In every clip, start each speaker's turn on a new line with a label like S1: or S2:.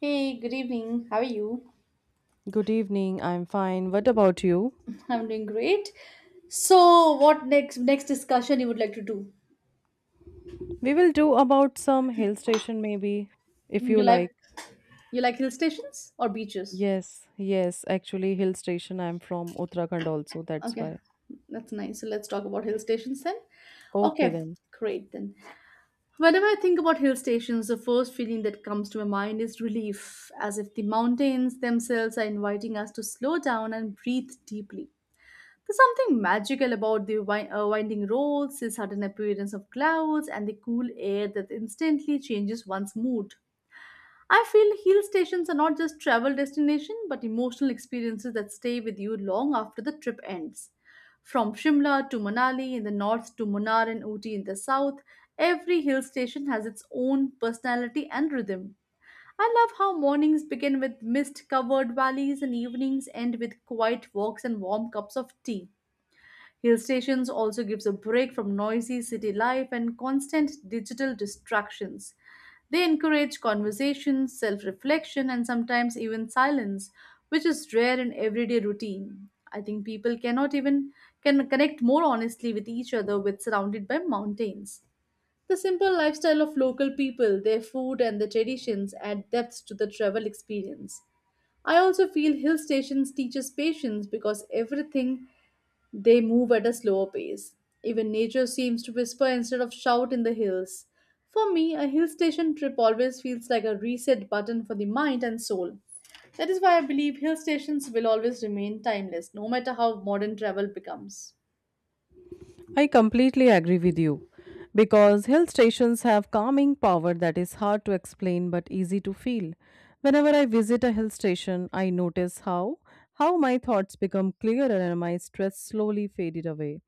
S1: Hey, good evening. How are you?
S2: Good evening. I'm fine. What about you?
S1: I'm doing great. So, what next discussion you would like to do?
S2: We will do about some hill station maybe if
S1: You
S2: you like.
S1: like you like hill stations or beaches?
S2: Yes, yes, actually hill station. I'm from Uttarakhand also, that's
S1: Okay,
S2: why.
S1: that's nice. So let's talk about hill stations then.
S2: Okay
S1: Okay,
S2: then.
S1: great then. Whenever I think about hill stations, the first feeling that comes to my mind is relief, as if the mountains themselves are inviting us to slow down and breathe deeply. There's something magical about the winding roads, the sudden appearance of clouds, and the cool air that instantly changes one's mood. I feel hill stations are not just travel destination but emotional experiences that stay with you long after the trip ends. From Shimla to Manali in the north to Munnar and Ooty in the south, every hill station has its own personality and rhythm. I love how mornings begin with mist covered valleys and evenings end with quiet walks and warm cups of tea. Hill stations also gives a break from noisy city life and constant digital distractions. They encourage conversation, self-reflection and sometimes even silence, which is rare in everyday routine. I think people cannot even can connect more honestly with each other with surrounded by mountains. The simple lifestyle of local people, their food and their traditions add depth to the travel experience. I also feel hill stations teaches patience because everything they move at a slower pace. Even nature seems to whisper instead of shout in the hills. For me, a hill station trip always feels like a reset button for the mind and soul. That is why I believe hill stations will always remain timeless, no matter how modern travel becomes.
S2: I completely agree with you because hill stations have calming power that is hard to explain but easy to feel. Whenever I visit a hill station, I notice how my thoughts become clearer and my stress slowly faded away.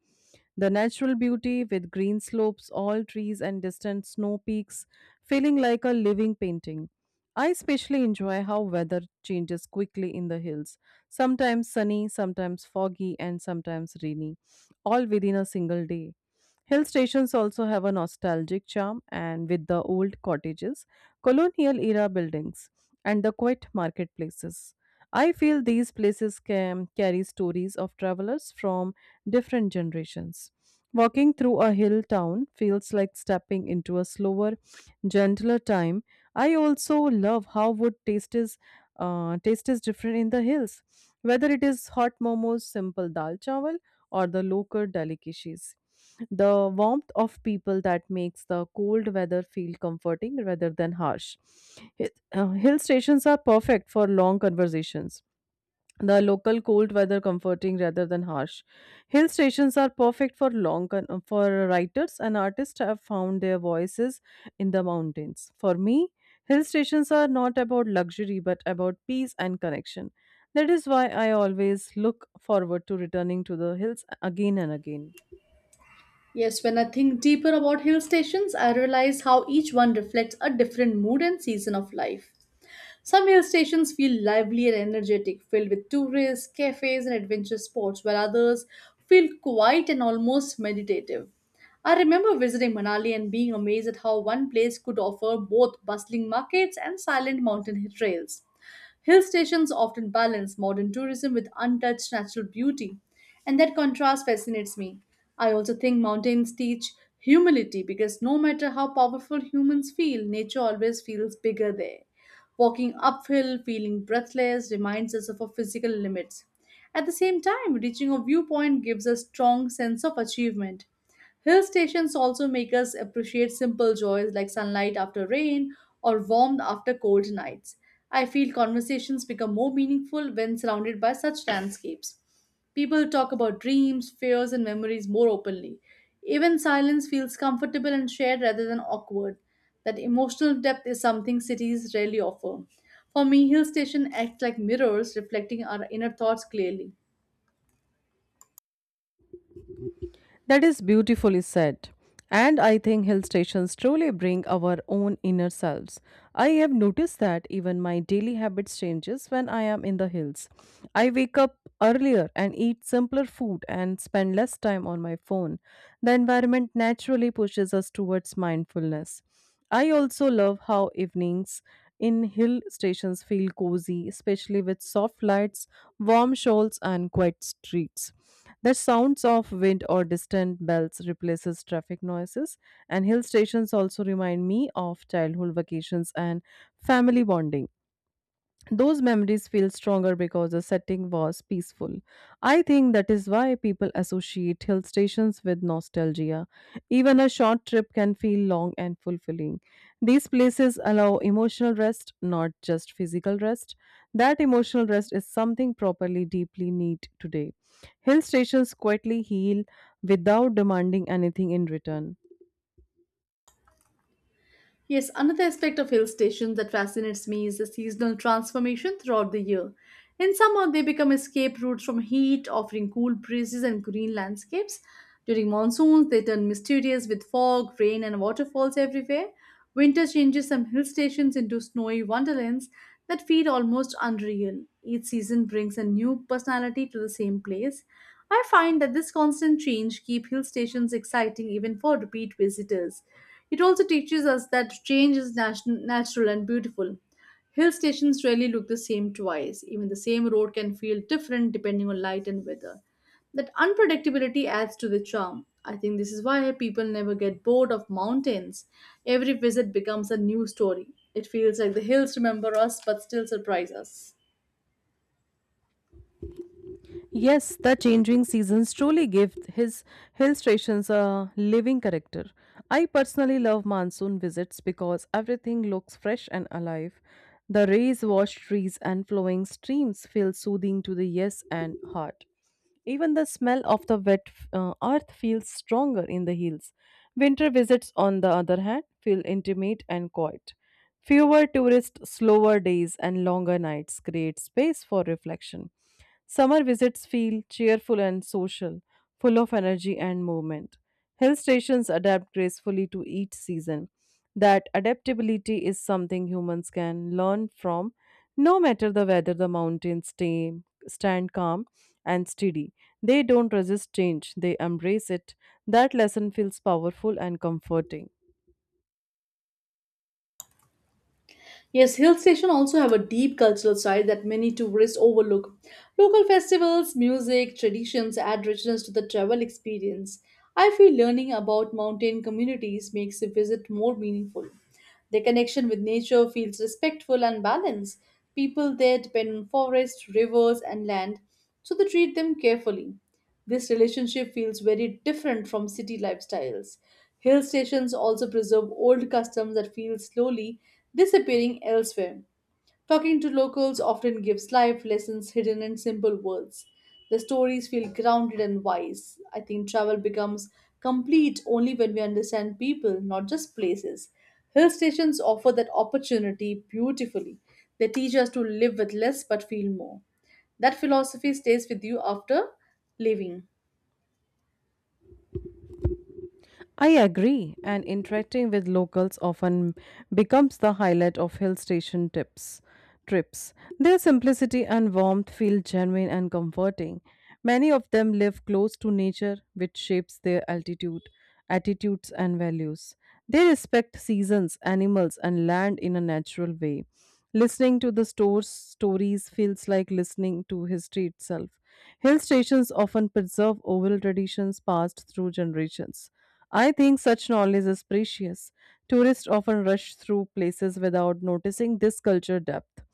S2: The natural beauty with green slopes, all trees and distant snow peaks feeling like a living painting. I especially enjoy how weather changes quickly in the hills, sometimes sunny, sometimes foggy and sometimes rainy all within a single day. Hill stations also have a nostalgic charm, and with the old cottages, colonial era buildings, and the quiet marketplaces. I feel these places can carry stories of travelers from different generations. Walking through a hill town feels like stepping into a slower, gentler time. I also love how wood taste is different in the hills. Whether it is hot momos, simple dal chawal, or the local delicacies. The warmth of people that makes the cold weather feel comforting rather than harsh. Hill stations are perfect for long conversations the local cold weather comforting rather than harsh. Hill stations are perfect for for writers and artists have found their voices in the mountains. For me, hill stations are not about luxury but about peace and connection. That is why I always look forward to returning to the hills again and again.
S1: Yes, when I think deeper about hill stations, I realize how each one reflects a different mood and season of life. Some hill stations feel lively and energetic, filled with tourists, cafes, and adventure sports, while others feel quiet and almost meditative. I remember visiting Manali and being amazed at how one place could offer both bustling markets and silent mountain trails. Hill stations often balance modern tourism with untouched natural beauty, and that contrast fascinates me. I also think mountains teach humility because no matter how powerful humans feel, nature always feels bigger there. Walking uphill, feeling breathless, reminds us of our physical limits. At the same time, reaching a viewpoint gives a strong sense of achievement. Hill stations also make us appreciate simple joys like sunlight after rain or warmth after cold nights. I feel conversations become more meaningful when surrounded by such landscapes. People talk about dreams, fears, and memories more openly. Even silence feels comfortable and shared rather than awkward. That emotional depth is something cities rarely offer. For me, hill station act like mirrors reflecting our inner thoughts clearly.
S2: That is beautifully said. And I think hill stations truly bring our own inner selves. I have noticed that even my daily habits changes when I am in the hills. I wake up earlier and eat simpler food and spend less time on my phone. The environment naturally pushes us towards mindfulness. I also love how evenings in hill stations feel cozy, especially with soft lights, warm shawls, and quiet streets. The sounds of wind or distant bells replaces traffic noises, and hill stations also remind me of childhood vacations and family bonding. Those memories feel stronger because the setting was peaceful. I think that is why people associate hill stations with nostalgia. Even a short trip can feel long and fulfilling. These places allow emotional rest, not just physical rest. That emotional rest is something properly deeply need today. Hill stations quietly heal without demanding anything in return.
S1: Yes, another aspect of hill stations that fascinates me is the seasonal transformation throughout the year. In summer, they become escape routes from heat, offering cool breezes and green landscapes. During monsoons, they turn mysterious with fog, rain, and waterfalls everywhere. Winter changes some hill stations into snowy wonderlands that feel almost unreal. Each season brings a new personality to the same place. I find that this constant change keeps hill stations exciting even for repeat visitors. It also teaches us that change is natural and beautiful. Hill stations rarely look the same twice. Even the same road can feel different depending on light and weather. That unpredictability adds to the charm. I think this is why people never get bored of mountains. Every visit becomes a new story. It feels like the hills remember us but still surprise us.
S2: Yes, the changing seasons truly give his hill stations a living character. I personally love monsoon visits because everything looks fresh and alive. The rays washed trees and flowing streams feel soothing to the yes and heart. Even the smell of the wet earth feels stronger in the hills. Winter visits, on the other hand, feel intimate and quiet. Fewer tourists, slower days, and longer nights create space for reflection. Summer visits feel cheerful and social, full of energy and movement. Hill stations adapt gracefully to each season. That adaptability is something humans can learn from. No matter the weather, stand calm and steady. They don't resist change, they embrace it. That lesson feels powerful and comforting.
S1: Yes, hill stations also have a deep cultural side that many tourists overlook. Local festivals, music, traditions add richness to the travel experience. I feel learning about mountain communities makes the visit more meaningful. Their connection with nature feels respectful and balanced. People there depend on forests, rivers, and land, so they treat them carefully. This relationship feels very different from city lifestyles. Hill stations also preserve old customs that feel slowly disappearing elsewhere. Talking to locals often gives life lessons hidden in simple words. The stories feel grounded and wise. I think travel becomes complete only when we understand people, not just places. Hill stations offer that opportunity beautifully. They teach us to live with less but feel more. That philosophy stays with you after leaving.
S2: I agree, and interacting with locals often becomes the highlight of hill station tips trips. Their simplicity and warmth feel genuine and comforting. Many of them live close to nature, which shapes their attitudes, and values. They respect seasons, animals, and land in a natural way. Listening to the store's stories feels like listening to history itself. Hill stations often preserve oral traditions passed through generations. I think such knowledge is precious. Tourists often rush through places without noticing this culture depth.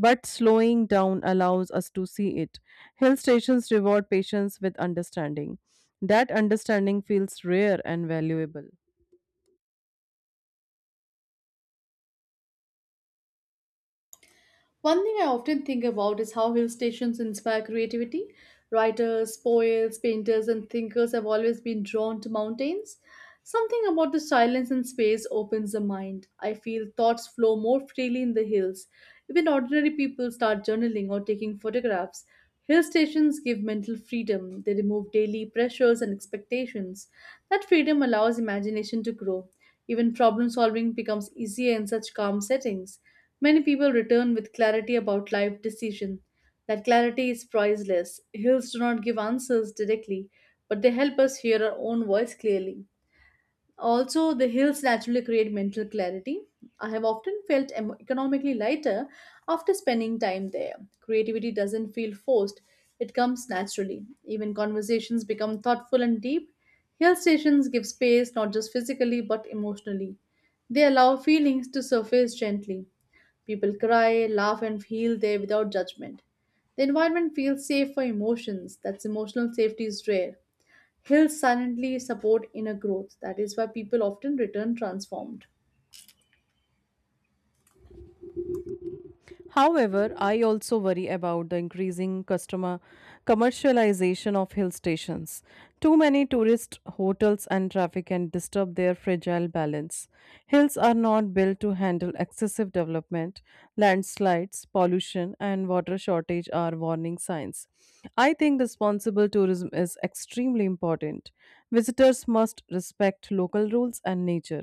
S2: But slowing down allows us to see it. Hill stations reward patience with understanding. That understanding feels rare and valuable.
S1: One thing I often think about is how hill stations inspire creativity. Writers, poets, painters, and thinkers have always been drawn to mountains. Something about the silence and space opens the mind. I feel thoughts flow more freely in the hills. Even ordinary people start journaling or taking photographs. Hill stations give mental freedom, they remove daily pressures and expectations. That freedom allows imagination to grow. Even problem solving becomes easier in such calm settings. Many people return with clarity about life decision. That clarity is priceless. Hills do not give answers directly, but they help us hear our own voice clearly. Also, the hills naturally create mental clarity. I have often felt economically lighter after spending time there. Creativity doesn't feel forced, it comes naturally. Even conversations become thoughtful and deep. Hill stations give space not just physically but emotionally. They allow feelings to surface gently. People cry, laugh, and feel there without judgment. The environment feels safe for emotions. That's emotional safety is rare. Hills silently support inner growth. That is why people often return transformed.
S2: However, I also worry about the increasing customer commercialization of hill stations. Too many tourist hotels and traffic can disturb their fragile balance. Hills are not built to handle excessive development. Landslides, pollution, and water shortage are warning signs. I think responsible tourism is extremely important. Visitors must respect local rules and nature.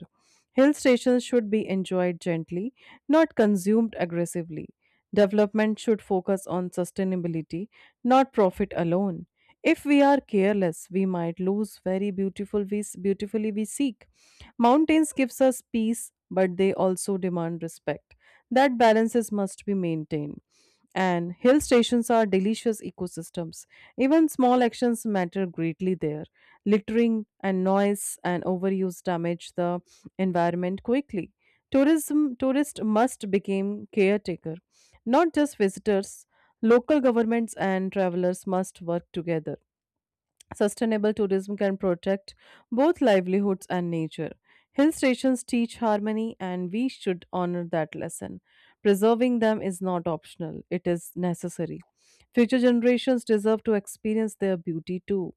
S2: Hill stations should be enjoyed gently, not consumed aggressively. Development should focus on sustainability, not profit alone. If we are careless, we might lose beautifully we seek. Mountains gives us peace, but they also demand respect. That balances must be maintained and hill stations are delicious ecosystems. Even small actions matter greatly there. Littering and noise and overuse damage the environment quickly. Tourism Tourists must become caretaker. Not just visitors, local governments and travelers must work together. Sustainable tourism can protect both livelihoods and nature. Hill stations teach harmony, and we should honor that lesson. Preserving them is not optional, it is necessary. Future generations deserve to experience their beauty too.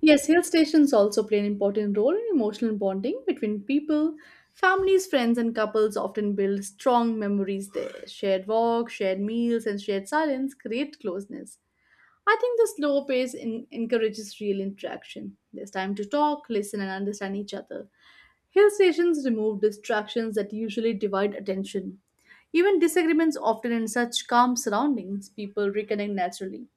S1: Yes, hill stations also play an important role in emotional bonding between people. Families, friends, and couples often build strong memories there. Shared walks, shared meals, and shared silence create closeness. I think the slow pace encourages real interaction. There's time to talk, listen, and understand each other. Hill stations remove distractions that usually divide attention. Even disagreements often in such calm surroundings, people reconnect naturally.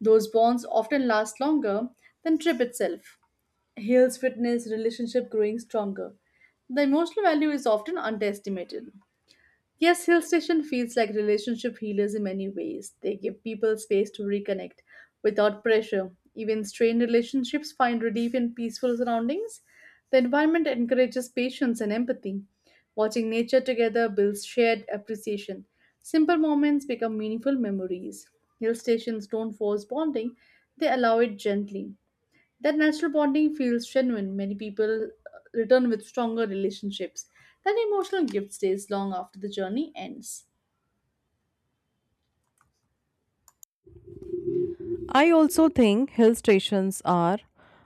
S1: Those bonds often last longer than trip itself. Hills witness relationship growing stronger. The emotional value is often underestimated. Yes, Hill Station feels like relationship healers in many ways. They give people space to reconnect without pressure. Even strained relationships find relief in peaceful surroundings. The environment encourages patience and empathy. Watching nature together builds shared appreciation. Simple moments become meaningful memories. Hill stations don't force bonding, they allow it gently. That natural bonding feels genuine. Many people return with stronger relationships. That emotional gift stays long after the journey ends.
S2: I also think hill stations are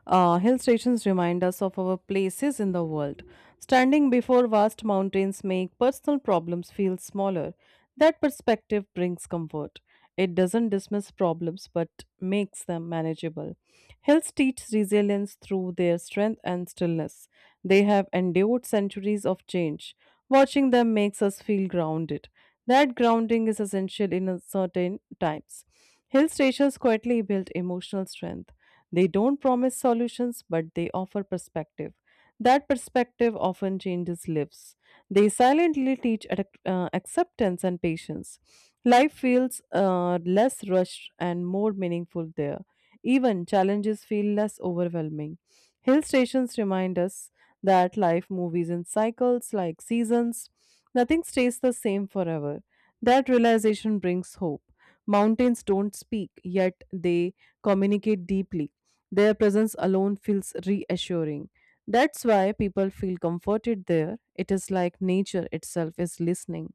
S2: uh, hill stations remind us of our places in the world. Standing before vast mountains make personal problems feel smaller. That perspective brings comfort. It doesn't dismiss problems but makes them manageable. Hills teach resilience through their strength and stillness. They have endured centuries of change. Watching them makes us feel grounded. That grounding is essential in uncertain times. Hill stations quietly build emotional strength. They don't promise solutions, but they offer perspective. That perspective often changes lives. They silently teach acceptance and patience. Life feels less rushed and more meaningful there. Even challenges feel less overwhelming. Hill stations remind us that life moves in cycles like seasons. Nothing stays the same forever. That realization brings hope. Mountains don't speak, yet they communicate deeply. Their presence alone feels reassuring. That's why people feel comforted there. It is like nature itself is listening.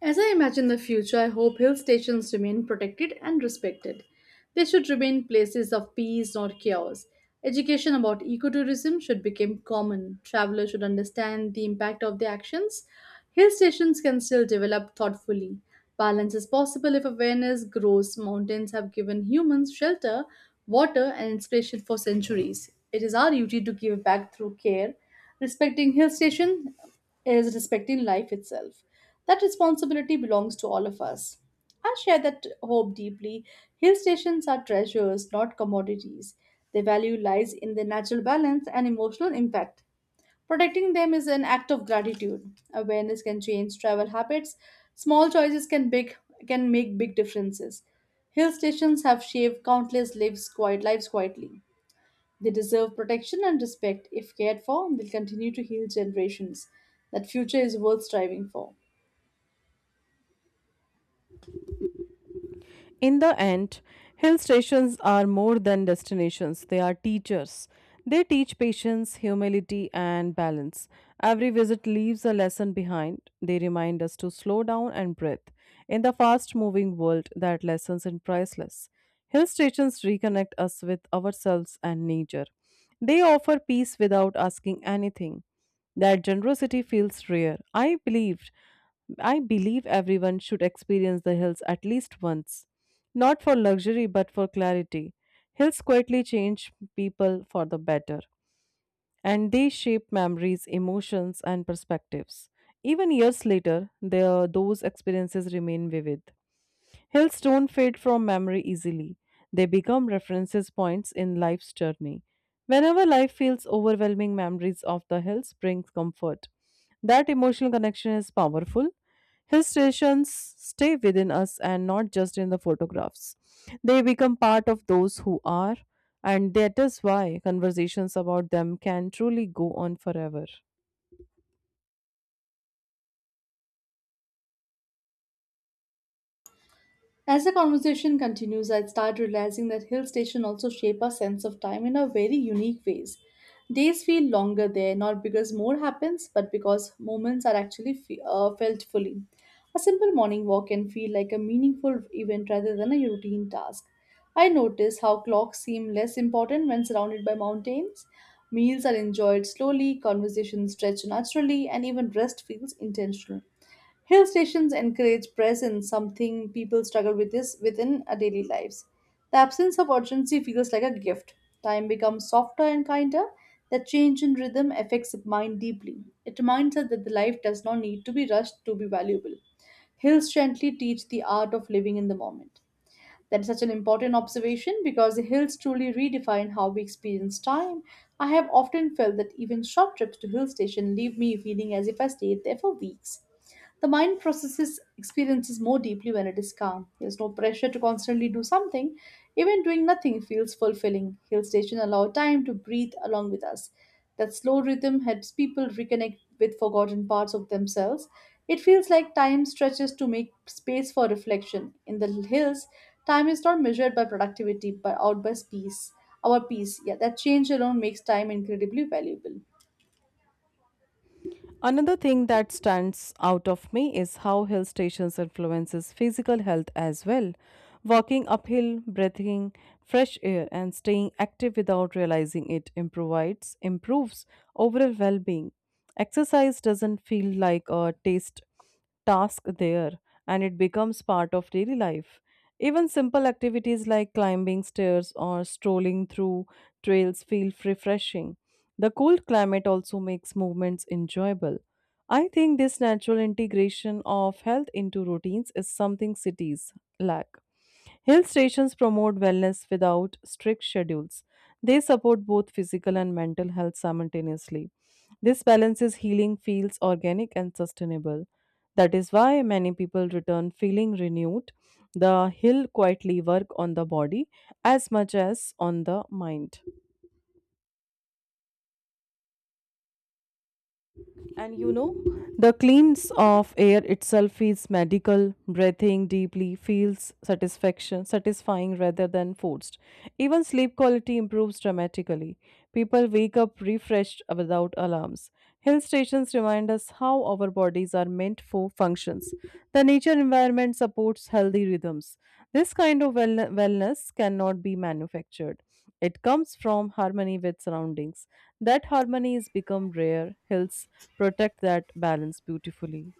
S1: As I imagine the future, I hope hill stations remain protected and respected. They should remain places of peace, not chaos. Education about ecotourism should become common. Travelers should understand the impact of their actions. Hill stations can still develop thoughtfully. Balance is possible if awareness grows. Mountains have given humans shelter, water, and inspiration for centuries. It is our duty to give back through care. Respecting hill station is respecting life itself. That responsibility belongs to all of us. I share that hope deeply. Hill stations are treasures, not commodities. Their value lies in their natural balance and emotional impact. Protecting them is an act of gratitude. Awareness can change travel habits. Small choices can make big differences. Hill stations have shaped countless lives quietly. They deserve protection and respect. If cared for, they'll continue to heal generations. That future is worth striving for.
S2: In the end, hill stations are more than destinations, they are teachers. They teach patience, humility, and balance. Every visit leaves a lesson behind. They remind us to slow down and breathe. In the fast moving world, that lesson is priceless. Hill stations reconnect us with ourselves and nature. They offer peace without asking anything. That generosity feels rare. I believe everyone should experience the hills at least once. Not for luxury, but for clarity. Hills quietly change people for the better, and they shape memories, emotions, and perspectives. Even years later, those experiences remain vivid. Hills don't fade from memory easily. They become references points in life's journey. Whenever life feels overwhelming, memories of the hills bring comfort. That emotional connection is powerful. Hill stations stay within us and not just in the photographs. They become part of those who are, and that is why conversations about them can truly go on forever.
S1: As the conversation continues, I start realizing that hill stations also shape our sense of time in a very unique ways. Days feel longer there, not because more happens, but because moments are actually felt fully. A simple morning walk can feel like a meaningful event rather than a routine task. I notice how clocks seem less important when surrounded by mountains. Meals are enjoyed slowly, conversations stretch naturally, and even rest feels intentional. Hill stations encourage presence, something people struggle with this within our daily lives. The absence of urgency feels like a gift. Time becomes softer and kinder. The change in rhythm affects the mind deeply. It reminds us that the life does not need to be rushed to be valuable. Hills gently teach the art of living in the moment. That is such an important observation because the hills truly redefine how we experience time. I have often felt that even short trips to hill station leave me feeling as if I stayed there for weeks. The mind processes experiences more deeply when it is calm. There's no pressure to constantly do something. Even doing nothing feels fulfilling. Hill station allow time to breathe along with us. That slow rhythm helps people reconnect with forgotten parts of themselves. It feels like time stretches to make space for reflection. In the hills, time is not measured by productivity but out by peace. Our peace, yeah, that change alone makes time incredibly valuable.
S2: Another thing that stands out of me is how hill stations influences physical health as well. Walking uphill, breathing fresh air and staying active without realizing it improvides improves overall well-being. Exercise doesn't feel like a taste task there and it becomes part of daily life. Even simple activities like climbing stairs or strolling through trails feel refreshing. The cold climate also makes movements enjoyable. I think this natural integration of health into routines is something cities lack. Hill stations promote wellness without strict schedules. They support both physical and mental health simultaneously. This balances healing feels organic and sustainable. That is why many people return feeling renewed. The hill quietly work on the body as much as on the mind. And you know, the cleans of air itself is medical. Breathing deeply feels satisfying rather than forced. Even sleep quality improves dramatically. People wake up refreshed without alarms. Hill stations remind us how our bodies are meant for functions. The nature environment supports healthy rhythms. This kind of wellness cannot be manufactured. It comes from harmony with surroundings. That harmony has become rare. Hills protect that balance beautifully.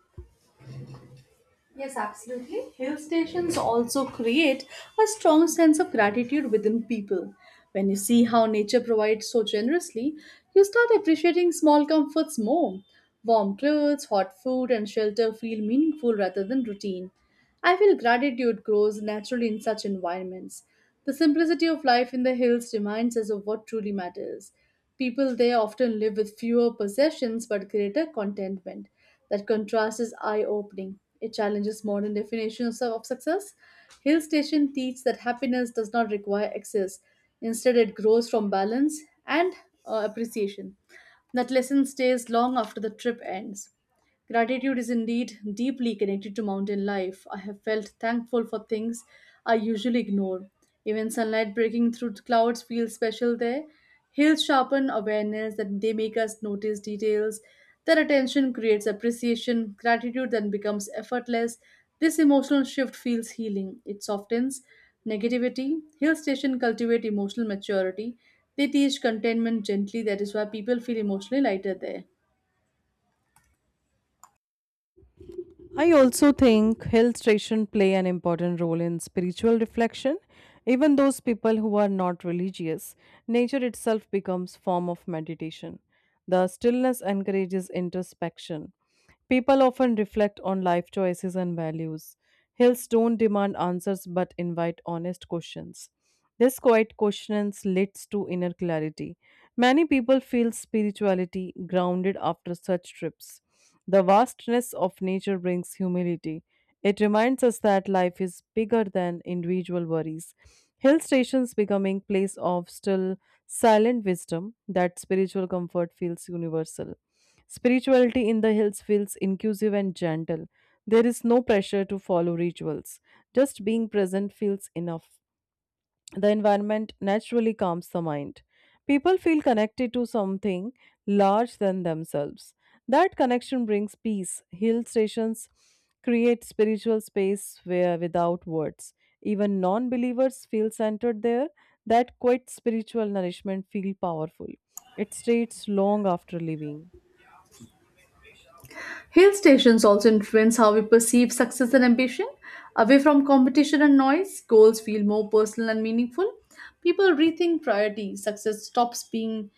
S1: Hill stations also create a strong sense of gratitude within people. When you see how nature provides so generously, you start appreciating small comforts more. Warm clothes, hot food, and shelter feel meaningful rather than routine. I feel gratitude grows naturally in such environments. The simplicity of life in the hills reminds us of what truly matters. People there often live with fewer possessions but greater contentment. That contrast is eye opening. It challenges modern definitions of success. Hill Station teaches that happiness does not require excess, instead, it grows from balance and appreciation. That lesson stays long after the trip ends. Gratitude is indeed deeply connected to mountain life. I have felt thankful for things I usually ignore. Even sunlight breaking through clouds feels special there. Hills sharpen awareness that they make us notice details. Their attention creates appreciation. Gratitude then becomes effortless. This emotional shift feels healing. It softens negativity. Hill stations cultivate emotional maturity. They teach contentment gently. That is why people feel emotionally lighter there.
S2: I also think hill stations play an important role in spiritual reflection. Even those people who are not religious, nature itself becomes form of meditation. The stillness encourages introspection. People often reflect on life choices and values. Hills don't demand answers but invite honest questions. This quiet questions leads to inner clarity. Many people feel spirituality grounded after such trips. The vastness of nature brings humility. It reminds us that life is bigger than individual worries. Hill stations becoming place of still silent wisdom that spiritual comfort feels universal. Spirituality in the hills feels inclusive and gentle. There is no pressure to follow rituals. Just being present feels enough. The environment naturally calms the mind. People feel connected to something large than themselves. That connection brings peace. Hill stations create spiritual space where without words. Even non believers feel centered there. That quiet spiritual nourishment feels powerful. It stays long after leaving.
S1: Hill stations also influence how we perceive success and ambition. Away from competition and noise, goals feel more personal and meaningful. People rethink priorities. Success stops being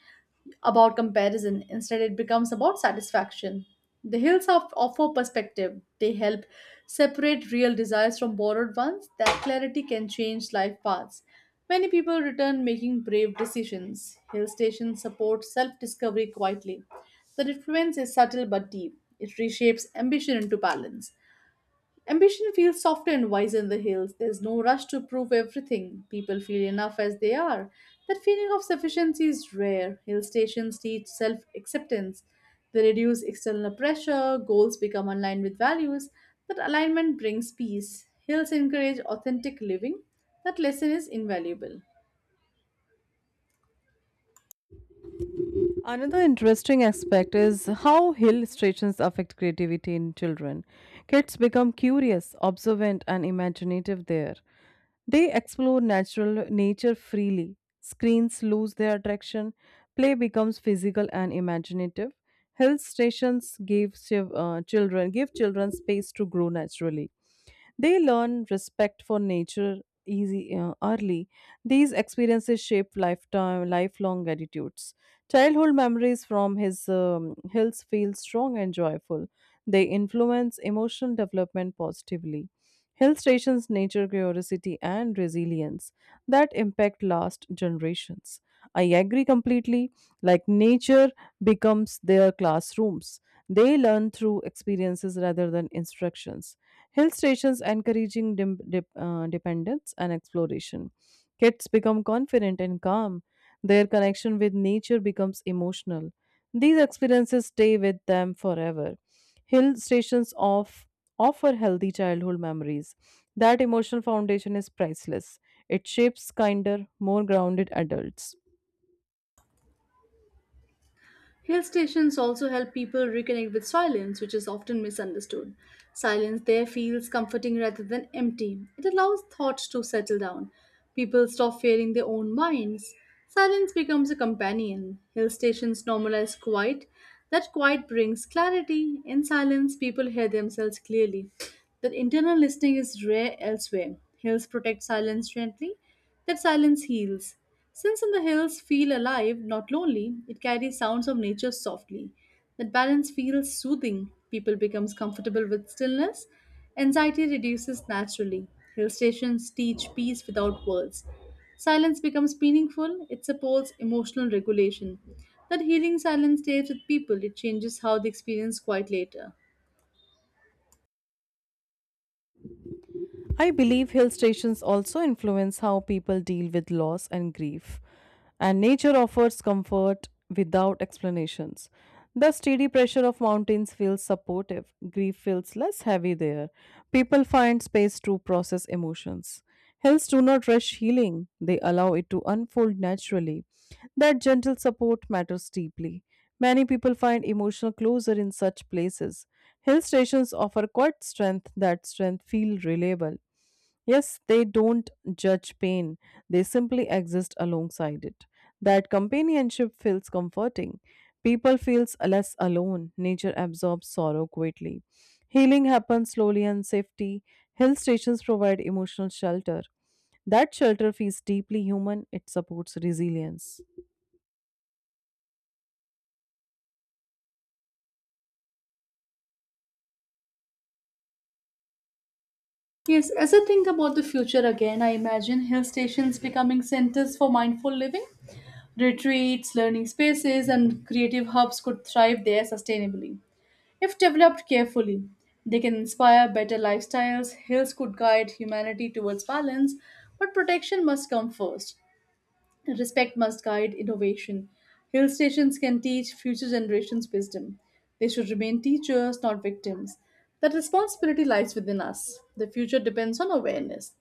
S1: about comparison. Instead, it becomes about satisfaction. The hills offer perspective. They help separate real desires from borrowed ones. That clarity can change life paths. Many people return making brave decisions. Hill stations support self discovery quietly. The influence is subtle but deep. It reshapes ambition into balance. Ambition feels softer and wiser in the hills. There's no rush to prove everything. People feel enough as they are. That feeling of sufficiency is rare. Hill stations teach self acceptance. They reduce external pressure, goals become aligned with values. That alignment brings peace. Hills encourage authentic living. That lesson is invaluable.
S2: Another interesting aspect is how illustrations affect creativity in children. Kids become curious, observant, and imaginative there. They explore natural nature freely. Screens lose their attraction. Play becomes physical and imaginative. Hill stations give children space to grow naturally. They learn respect for nature easy early. These experiences shape lifetime lifelong attitudes. Childhood memories from his hills feel strong and joyful. They influence emotional development positively. Hill stations nature curiosity and resilience that impact last generations. I agree completely. Like nature becomes their classrooms. They learn through experiences rather than instructions. Hill stations encouraging dependence and exploration. Kids become confident and calm. Their connection with nature becomes emotional. These experiences stay with them forever. Hill stations offer healthy childhood memories. That emotional foundation is priceless. It shapes kinder, more grounded adults.
S1: Hill stations also help people reconnect with silence, which is often misunderstood. Silence there feels comforting rather than empty. It allows thought to settle down. People stop fearing their own minds. Silence becomes a companion. Hill stations normalize quiet. That quiet brings clarity. In silence, people hear themselves clearly. That internal listening is rare elsewhere. Hills protect silence gently. That silence heals. Since in the hills feel alive, not lonely, it carries sounds of nature softly. That balance feels soothing. People becomes comfortable with stillness. Anxiety reduces naturally. Hill stations teach peace without words. Silence becomes meaningful. It supports emotional regulation. That healing silence stays with people. It changes how they experience quiet later.
S2: I believe hill stations also influence how people deal with loss and grief, and nature offers comfort without explanations. The steady pressure of mountains feels supportive, grief feels less heavy there. People find space to process emotions. Hills do not rush healing, they allow it to unfold naturally. That gentle support matters deeply. Many people find emotional closure in such places. Hill stations offer quiet strength that strength feel reliable. Yes, they don't judge pain, they simply exist alongside it. That companionship feels comforting. People feels less alone. Nature absorbs sorrow quietly. Healing happens slowly and safety. Hill stations provide emotional shelter. That shelter feels deeply human, it supports resilience.
S1: Yes, as I think about the future again, I imagine hill stations becoming centers for mindful living. Retreats, learning spaces, and creative hubs could thrive there sustainably. If developed carefully, they can inspire better lifestyles. Hills could guide humanity towards balance, but protection must come first. Respect must guide innovation. Hill stations can teach future generations wisdom. They should remain teachers, not victims. That responsibility lies within us. The future depends on awareness.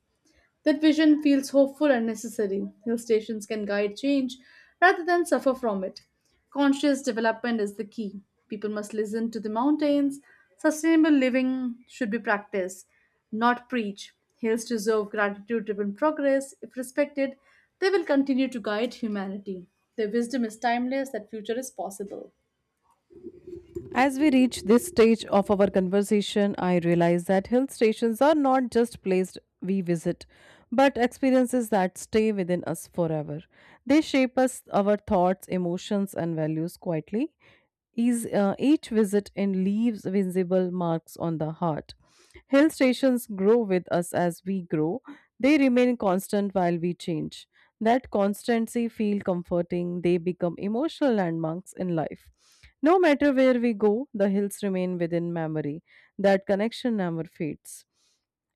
S1: That vision feels hopeful and necessary. Hill stations can guide change rather than suffer from it. Conscious development is the key. People must listen to the mountains. Sustainable living should be practiced, not preached. Hills deserve gratitude driven progress. If respected, they will continue to guide humanity. Their wisdom is timeless, that future is possible.
S2: As we reach this stage of our conversation, I realize that hill stations are not just places we visit, but experiences that stay within us forever. They shape us, our thoughts, emotions, and values quietly. Each visit in leaves visible marks on the heart. Hill stations grow with us as we grow. They remain constant while we change. That constancy feel comforting. They become emotional landmarks in life. No matter where we go, the hills remain within memory. That connection never fades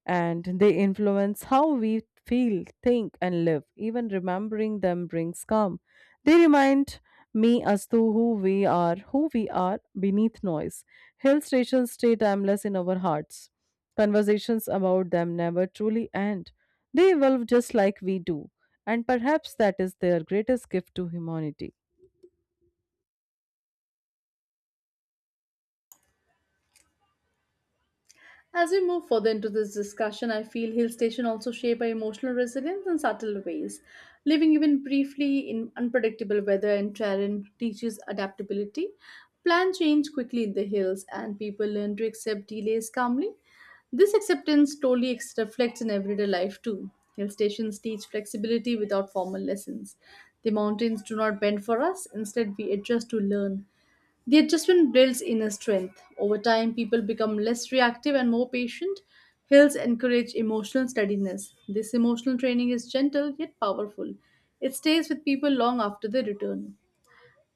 S2: and they influence how we feel, think, and live. Even remembering them brings calm. They remind me as to who we are beneath noise. Hill stations stay timeless in our hearts. Conversations about them never truly end. They evolve just like we do, and perhaps that is their greatest gift to humanity.
S1: As we move further into this discussion, I feel hill station also shape our emotional resilience in subtle ways. Living even briefly in unpredictable weather and terrain teaches adaptability. Plan change quickly in the hills, and people learn to accept delays calmly. This acceptance slowly reflects in everyday life too. Hill stations teach flexibility without formal lessons. The mountains do not bend for us, instead, we adjust to learn. The adjustment builds inner strength. Over time, people become less reactive and more patient. Hills encourage emotional steadiness. This emotional training is gentle yet powerful. It stays with people long after they return.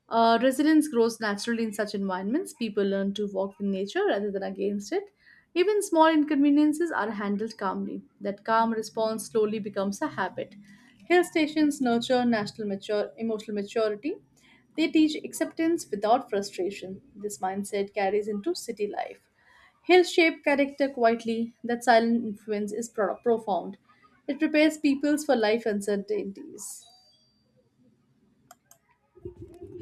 S1: Resilience grows naturally in such environments. People learn to walk with nature rather than against it. Even small inconveniences are handled calmly. That calm response slowly becomes a habit. Hill stations nurture emotional maturity. They teach acceptance without frustration. This mindset carries into city life. Hills shape character quietly. That silent influence is profound. It prepares peoples for life uncertainties.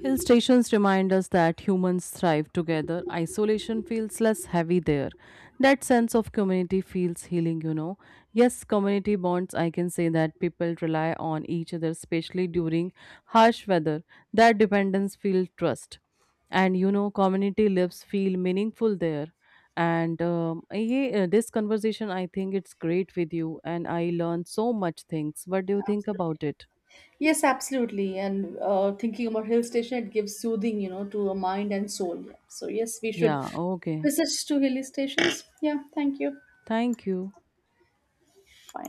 S2: Hill stations remind us that humans thrive together. Isolation feels less heavy there. That sense of community feels healing, Yes, community bonds, I can say that people rely on each other, especially during harsh weather. That dependence feels trust. Community lives feel meaningful there. This conversation, I think it's great with you, and I learned so much things. What do you think about it?
S1: Yes, absolutely. And thinking about hill station, it gives soothing, to a mind and soul. Yeah. So yes, we should
S2: Yeah, okay.
S1: visit to hilly stations. Yeah, thank you.
S2: Thank you.
S1: Bye.